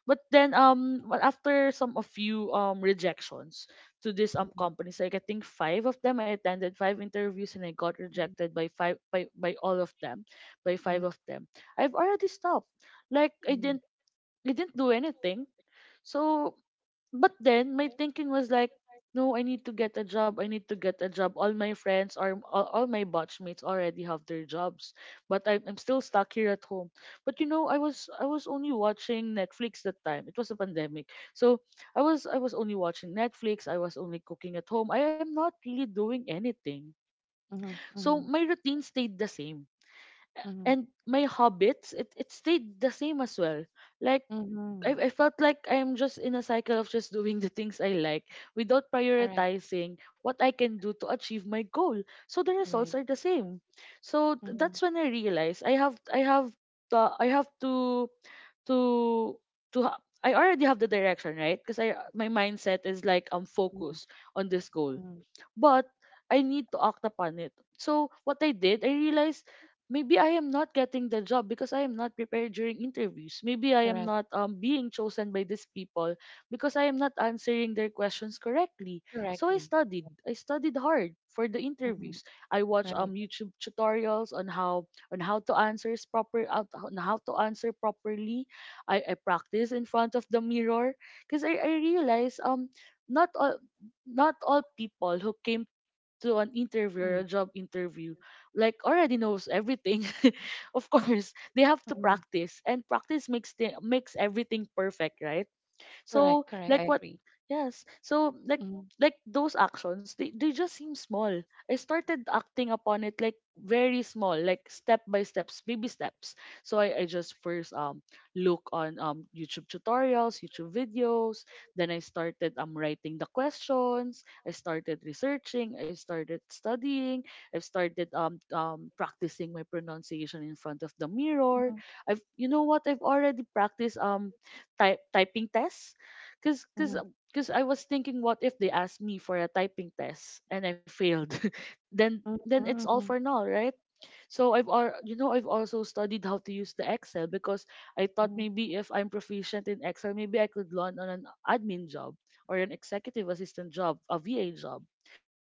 but then well, after some of few rejections to these companies, like I think five of them, I attended five interviews and I got mhm, rejected by five by all of them, by mhm, five of them. I've already stopped. Like mhm, I didn't do anything. So but then my thinking was like, no, I need to get a job. I need to get a job. All my friends or all my batchmates already have their jobs, but I'm still stuck here at home. But you know, I was only watching Netflix that time. It was a pandemic, so I was only watching Netflix. I was only cooking at home. I am not really doing anything. mhm, So mhm, my routine stayed the same, mhm, and my habits, it stayed the same as well, like mhm, mhm. I felt like I'm just in a cycle of just doing the things I like without Correct. prioritizing what I can do to achieve my goal. So the results Right. are the same. So Mhm, that's when I realized I have the I have to to I already have the direction, right? Because I my mindset is like I'm mhm, focused on this goal, mhm. but I need to act upon it. So what I did, I realized maybe I am not getting the job because I am not prepared during interviews. Maybe I am Correct. not being chosen by these people because I am not answering their questions correctly. So I Correctly. studied. I studied hard for the Mhm. interviews. I watched Right. YouTube tutorials on how to answer proper out- on how to answer properly. I practice in front of the mirror because I realize not all not all people who came to an interview or a Mhm, job interview like already knows everything of course they have to mhm. practice, and practice makes everything perfect, right? Correct. so Correct. like what Agree. Yes, Mhm, those actions, they just seem small. I started acting upon it, like very small, like step by steps, baby steps. So I just first look on YouTube videos. Then I started writing the questions. I started researching. I started studying. I've started practicing my pronunciation in front of the mirror. I've, you know what, I've already practiced type typing tests. Cause, mhm, cause, um, cause I was thinking, what if they asked me for a typing test and I failed? then, mhm, then it's all mhm, for null, right? So I've, al- you know, I've also studied how to use the Excel, because I thought mhm, maybe if I'm proficient in Excel, maybe I could land on an admin job or an executive assistant job, a VA job.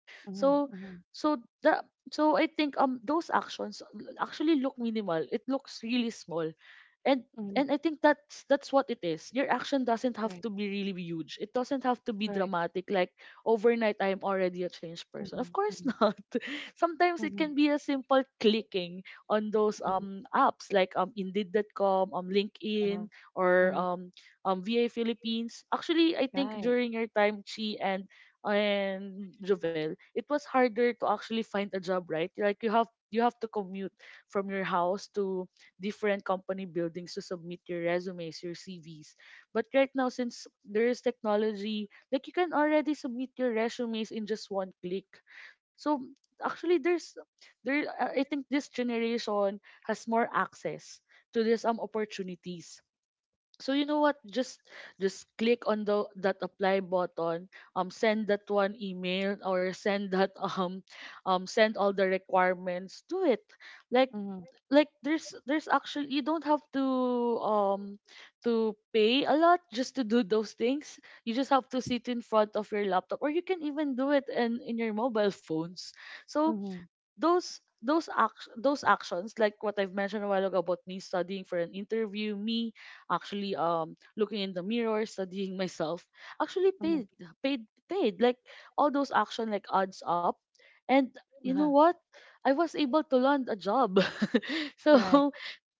So, mhm, mhm, so the, so I think those actions actually look minimal. It looks really small, and mhm. and I think that's what it is. Your action doesn't have Correct. to be really huge. It doesn't have to be Correct. dramatic. Like overnight, I am already a changed person. Of Mhm, course mhm, not. Sometimes it mhm, can be a simple clicking on those mhm. Apps, like Indeed.com, Uh-huh. LinkedIn, or Uh-huh. VA Philippines. Actually, I think Right. during your time, Chi and Jovel, it was harder to actually find a job, right? Like you have to commute from your house to different company buildings to submit your resumes, your CVs. But right now, since there is technology, like you can already submit your resumes in just one click. So actually, there's there. I think this generation has more access to these opportunities. So you know what? Just click on the that apply button. Send that one email, or send that send all the requirements. Do it. Like Mm-hmm. like there's actually, you don't have to um to pay a lot just to do those things. You just have to sit in front of your laptop, or you can even do it in your mobile phones. So Mm-hmm. those actions, like what I've mentioned a while ago, about me studying for an interview, me actually looking in the mirror, studying myself, actually Mm-hmm. paid. Like all those action, like adds up, and you know Uh-huh. what? I was able to land a job. Correct. So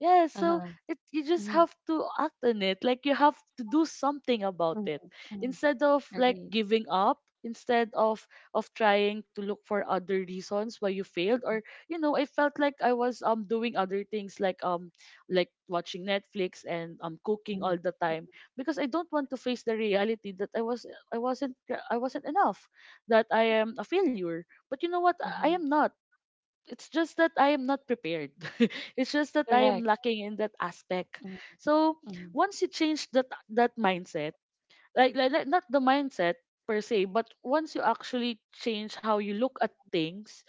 yeah, so Uh-huh. it you just Mhm. have to act on it, like you have to do something about Mhm. it Mhm. instead of like Agreed. giving up, instead of trying to look for other reasons why you failed. Mhm. Or, you know, I felt like I was doing other things, like watching Netflix and cooking Mhm. all the time, because I don't want to face the reality that i wasn't I wasn't enough, that I am a failure. But you know what? I Uh-huh. am not. It's just that I am not prepared. It's just that I Correct. am lacking in that aspect. Mhm. So Mhm. once you change that mindset, like not the mindset per se, but once you actually change how you look at things,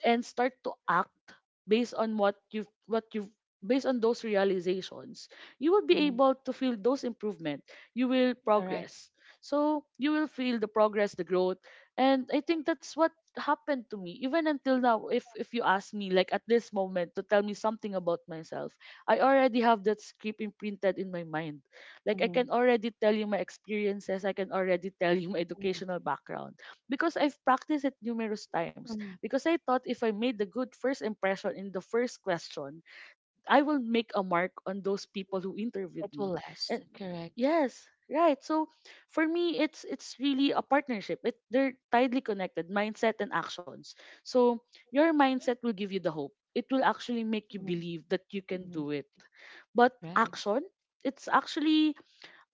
and start to act based on what you've based on those realizations, you will be Mhm. able to feel those improvement. You will Correct. progress, so you will feel the progress, the growth. And I think that's what happened to me. Even until now, if you ask me, like at this moment, to tell me something about myself, I already have that script imprinted in my mind. Like I can Mhm. already tell you my experiences, I can already tell you my Mhm. educational background, because I've practiced it numerous times. Mhm. Because I thought if I made the good first impression in the first question, I will make a mark on those people who interviewed It will me. last. And Correct. yes, right. So for me, it's really a partnership. It, they're tightly connected: mindset and actions. So your mindset will give you the hope. It will actually make you Mhm. believe that you can Mhm. do it. But Right. action, it's actually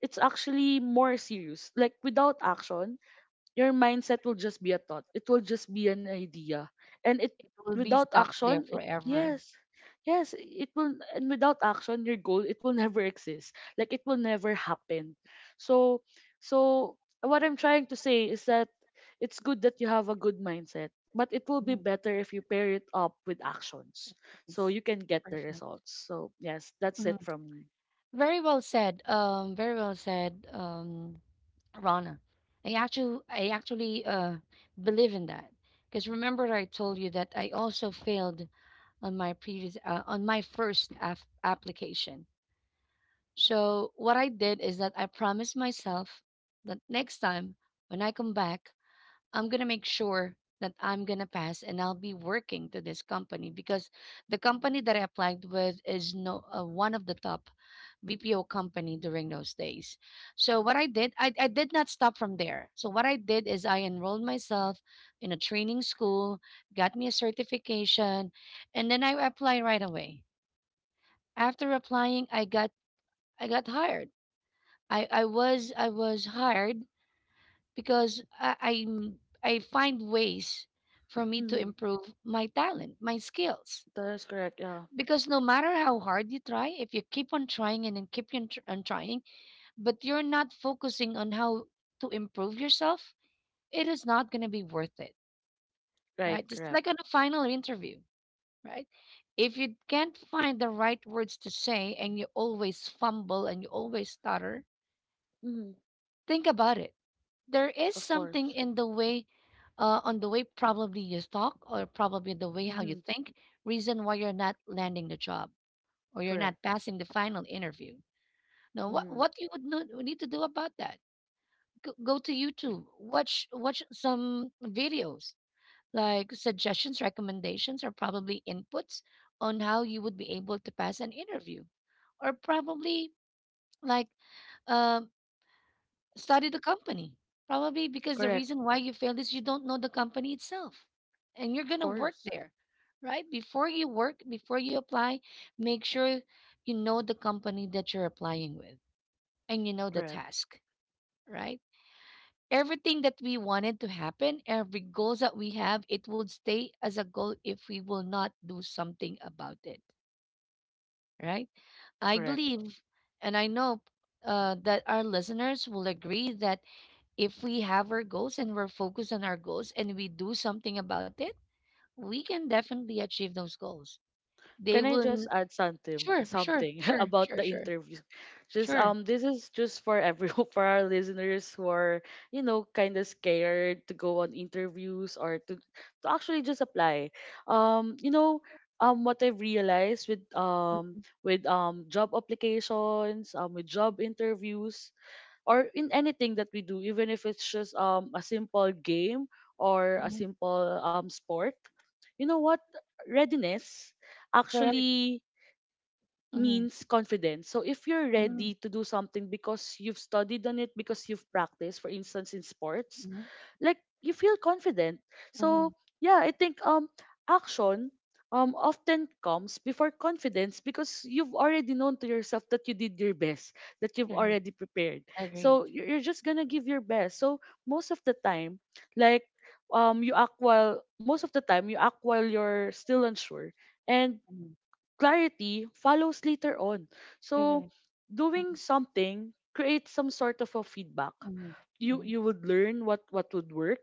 it's actually more serious. Like without action, your mindset will just be a thought. It will just be an idea. And it It will be without stuck there action, it forever. yes. Yes, it will. And without action, your goal, it will never exist. Like it will never happen. So so what I'm trying to say is that it's good that you have a good mindset, but it will be better if you pair it up with actions, so It's you can get the perfect. results. So yes, that's it Mhm. from me. Very well said. Very well said, Rana. I actually believe in that because remember I told you that I also failed on my previous, on my application. So what I did is that I promised myself that next time when I come back, I'm gonna make sure that I'm gonna pass and I'll be working to this company, because the company that I applied with is no one of the top BPO company during those days. So what I did, I did not stop from there. So what I did is I enrolled myself in a training school, got me a certification, and then I applied right away. After applying, I got hired. I was hired because I find ways for me to Mm-hmm. improve my talent, my skills. That is correct. Yeah. Because no matter how hard you try, if you keep on trying and then keep on trying, but you're not focusing on how to improve yourself, it is not going to be worth it, Right, right? Just correct. like on a final interview, right? If you can't find the right words to say and you always fumble and you always stutter, Mm-hmm. think about it. There is Of something course. in the way, on the way, probably you talk or probably the way how Mm-hmm. you think, reason why you're not landing the job or you're Correct. not passing the final interview. Now what Mm, what you would need to do about that, go to YouTube, watch some videos like suggestions, recommendations, or probably inputs on how you would be able to pass an interview, or probably like, um study the company. Probably because the correct. reason why you failed is you don't know the company itself. And you're Of going to work course. there, right? Before you work, before you apply, make sure you know the company that you're applying with, and you know the Correct. task, right? Everything that we wanted to happen, every goals that we have, it would stay as a goal if we will not do something about it, right? I Correct. believe and I know that our listeners will agree that if we have our goals and we're focused on our goals and we do something about it, we can definitely achieve those goals. They Can I will. just add something Sure, sure, something sure, about sure, the sure, interview? Just sure. This is just for everyone for our listeners who are, you know, kind of scared to go on interviews, or to actually just apply. You know, what I've realized with job applications, with job interviews, or in anything that we do, even if it's just a simple game or a Mhm. simple sport, you know what? Readiness Correct. actually Mm-hmm. means confidence. So if you're Mm-hmm. ready to do something, because you've studied on it, because you've practiced, for instance, in sports, Mm-hmm. like you feel confident. Mm-hmm. So yeah, I think action often comes before confidence, because you've already known to yourself that you did your best, that you've Correct. already prepared. Agreed. So you're just gonna give your best. So most of the time, like you act while most of the time, you act while you're still unsure, and Mm-hmm. clarity follows later on. So Correct. doing Mm-hmm. something creates some sort of a feedback. Mm-hmm. You would learn what would work.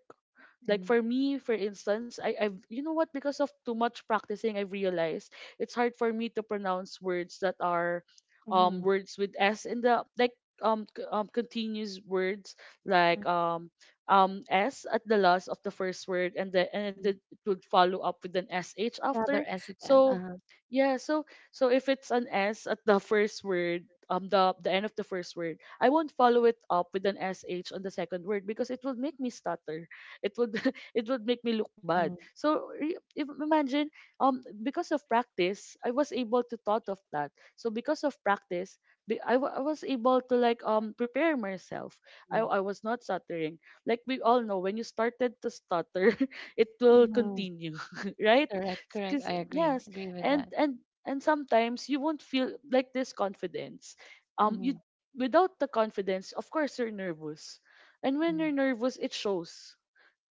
Like Mm-hmm. for me, for instance, I, I've you know what, because of too much practicing, I've realized it's hard for me to pronounce words that are Mm-hmm. words with S in the, like continuous words, like S at the last of the first word, and then and Mm-hmm. then it would follow up with an SH Another after. ethic then. So Uh-huh. yeah, so if it's an S at the first word, the end of the first word, I won't follow it up with an SH on the second word, because it will make me stutter. It would it would make me look bad. Mm-hmm. So re- if, imagine, because of practice, I was able to thought of that. So because of practice, I was able to, like prepare myself. i, Mm-hmm. I was not stuttering. Like we all know, when you started to stutter it will Mm-hmm. continue. Right? Correct. Correct. Because I agree. yes, Agree with and that. and and sometimes you won't feel like this confidence. You Mm-hmm. Without the confidence, of course you're nervous, and when Mm-hmm. you're nervous, it shows.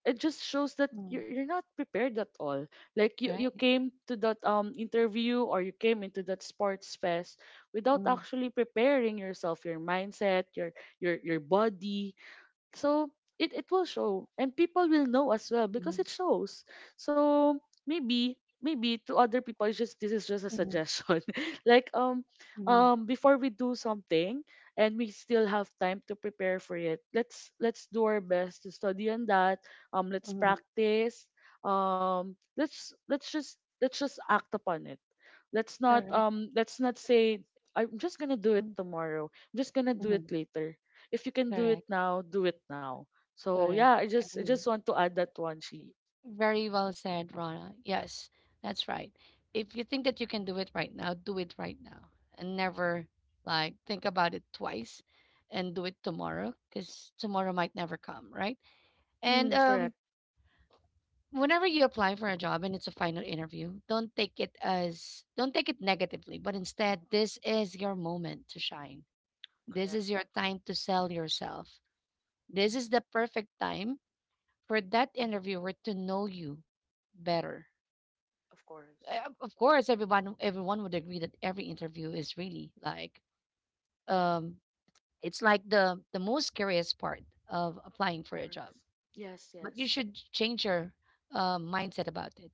It just shows that Mm-hmm. you're not prepared at all. Like you Right. came to that interview, or you came into that sports fest without Mm-hmm. actually preparing yourself, your mindset, your body. So it will show, and people will know as well, Mm-hmm. because it shows. So maybe to other people, it's just this is just a Mm-hmm. suggestion. Like Mm-hmm. Before we do something, and we still have time to prepare for it, let's do our best to study on that. Let's Mm-hmm. practice. Let's just act upon it. Correct. Let's not say I'm just gonna do it Mm, tomorrow, I'm just gonna do mhm. it later. If you can do it Correct. now, do it now. So Correct. yeah, I just I Agree. just want to add that one. She. Very well said, Rana. Yes, that's right. If you think that you can do it right now, do it right now and never like think about it twice and do it tomorrow, because tomorrow might be right. Mm, And correct, whenever you apply, when it's a final interview, don't take it negatively, but instead, this is your moment to shine. This correct, is your time to sell yourself. This is the perfect time for you. of course, Of course, would agree, really. Like, um, it's like the most scariest part of applying of for a job. course. Yes, But you yes, should change your mindset about it.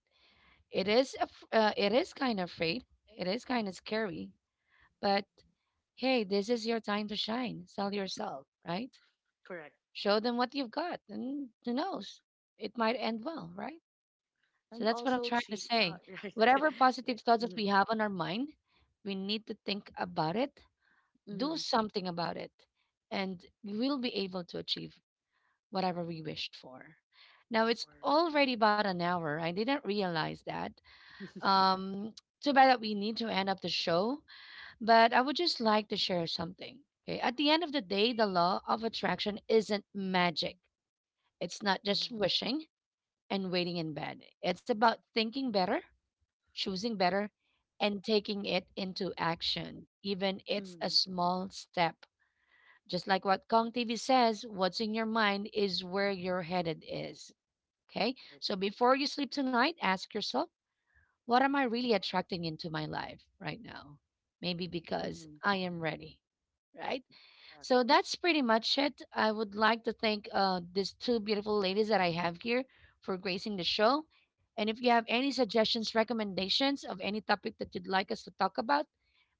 It is kind of afraid. It is kind of scary. But hey, this is your time to shine. Sell yourself, right? correct. Show them what you've got, and who knows, it might end, right? So And that's what I'm also trying to she say. right, Whatever right. positive thoughts that Mm, we have on our mind, we need to think about it, do mm, something about it, and we will be able to achieve whatever we wished for. of Now it's course. already about an hour. I didn't realize that. Um, too bad that we need to end up the show, but I would just like to share something. Okay, at the end of the day, the law of attraction isn't magic. It's not just Mm-hmm, wishing and waiting in bed. It's about thinking better, choosing better, and taking it into action. Even it's a mm-hmm, small step. Just like what Kong TV says, what's in your mind is where your headed is. Okay. right. So before you sleep tonight, ask yourself, what am I really attracting into my life right now? Maybe because Mm-hmm, I am ready. Right. correct. So that's pretty much it. I would like to thank these two beautiful ladies that I have here for gracing the show. And if you have any suggestions, recommendations of any topic that you'd like us to talk about,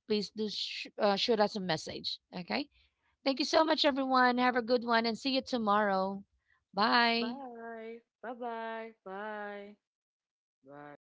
please do shoot us a message. Okay. Thank you so much, everyone. Have a good one and see you tomorrow. Bye. Bye, bye, bye, bye, bye.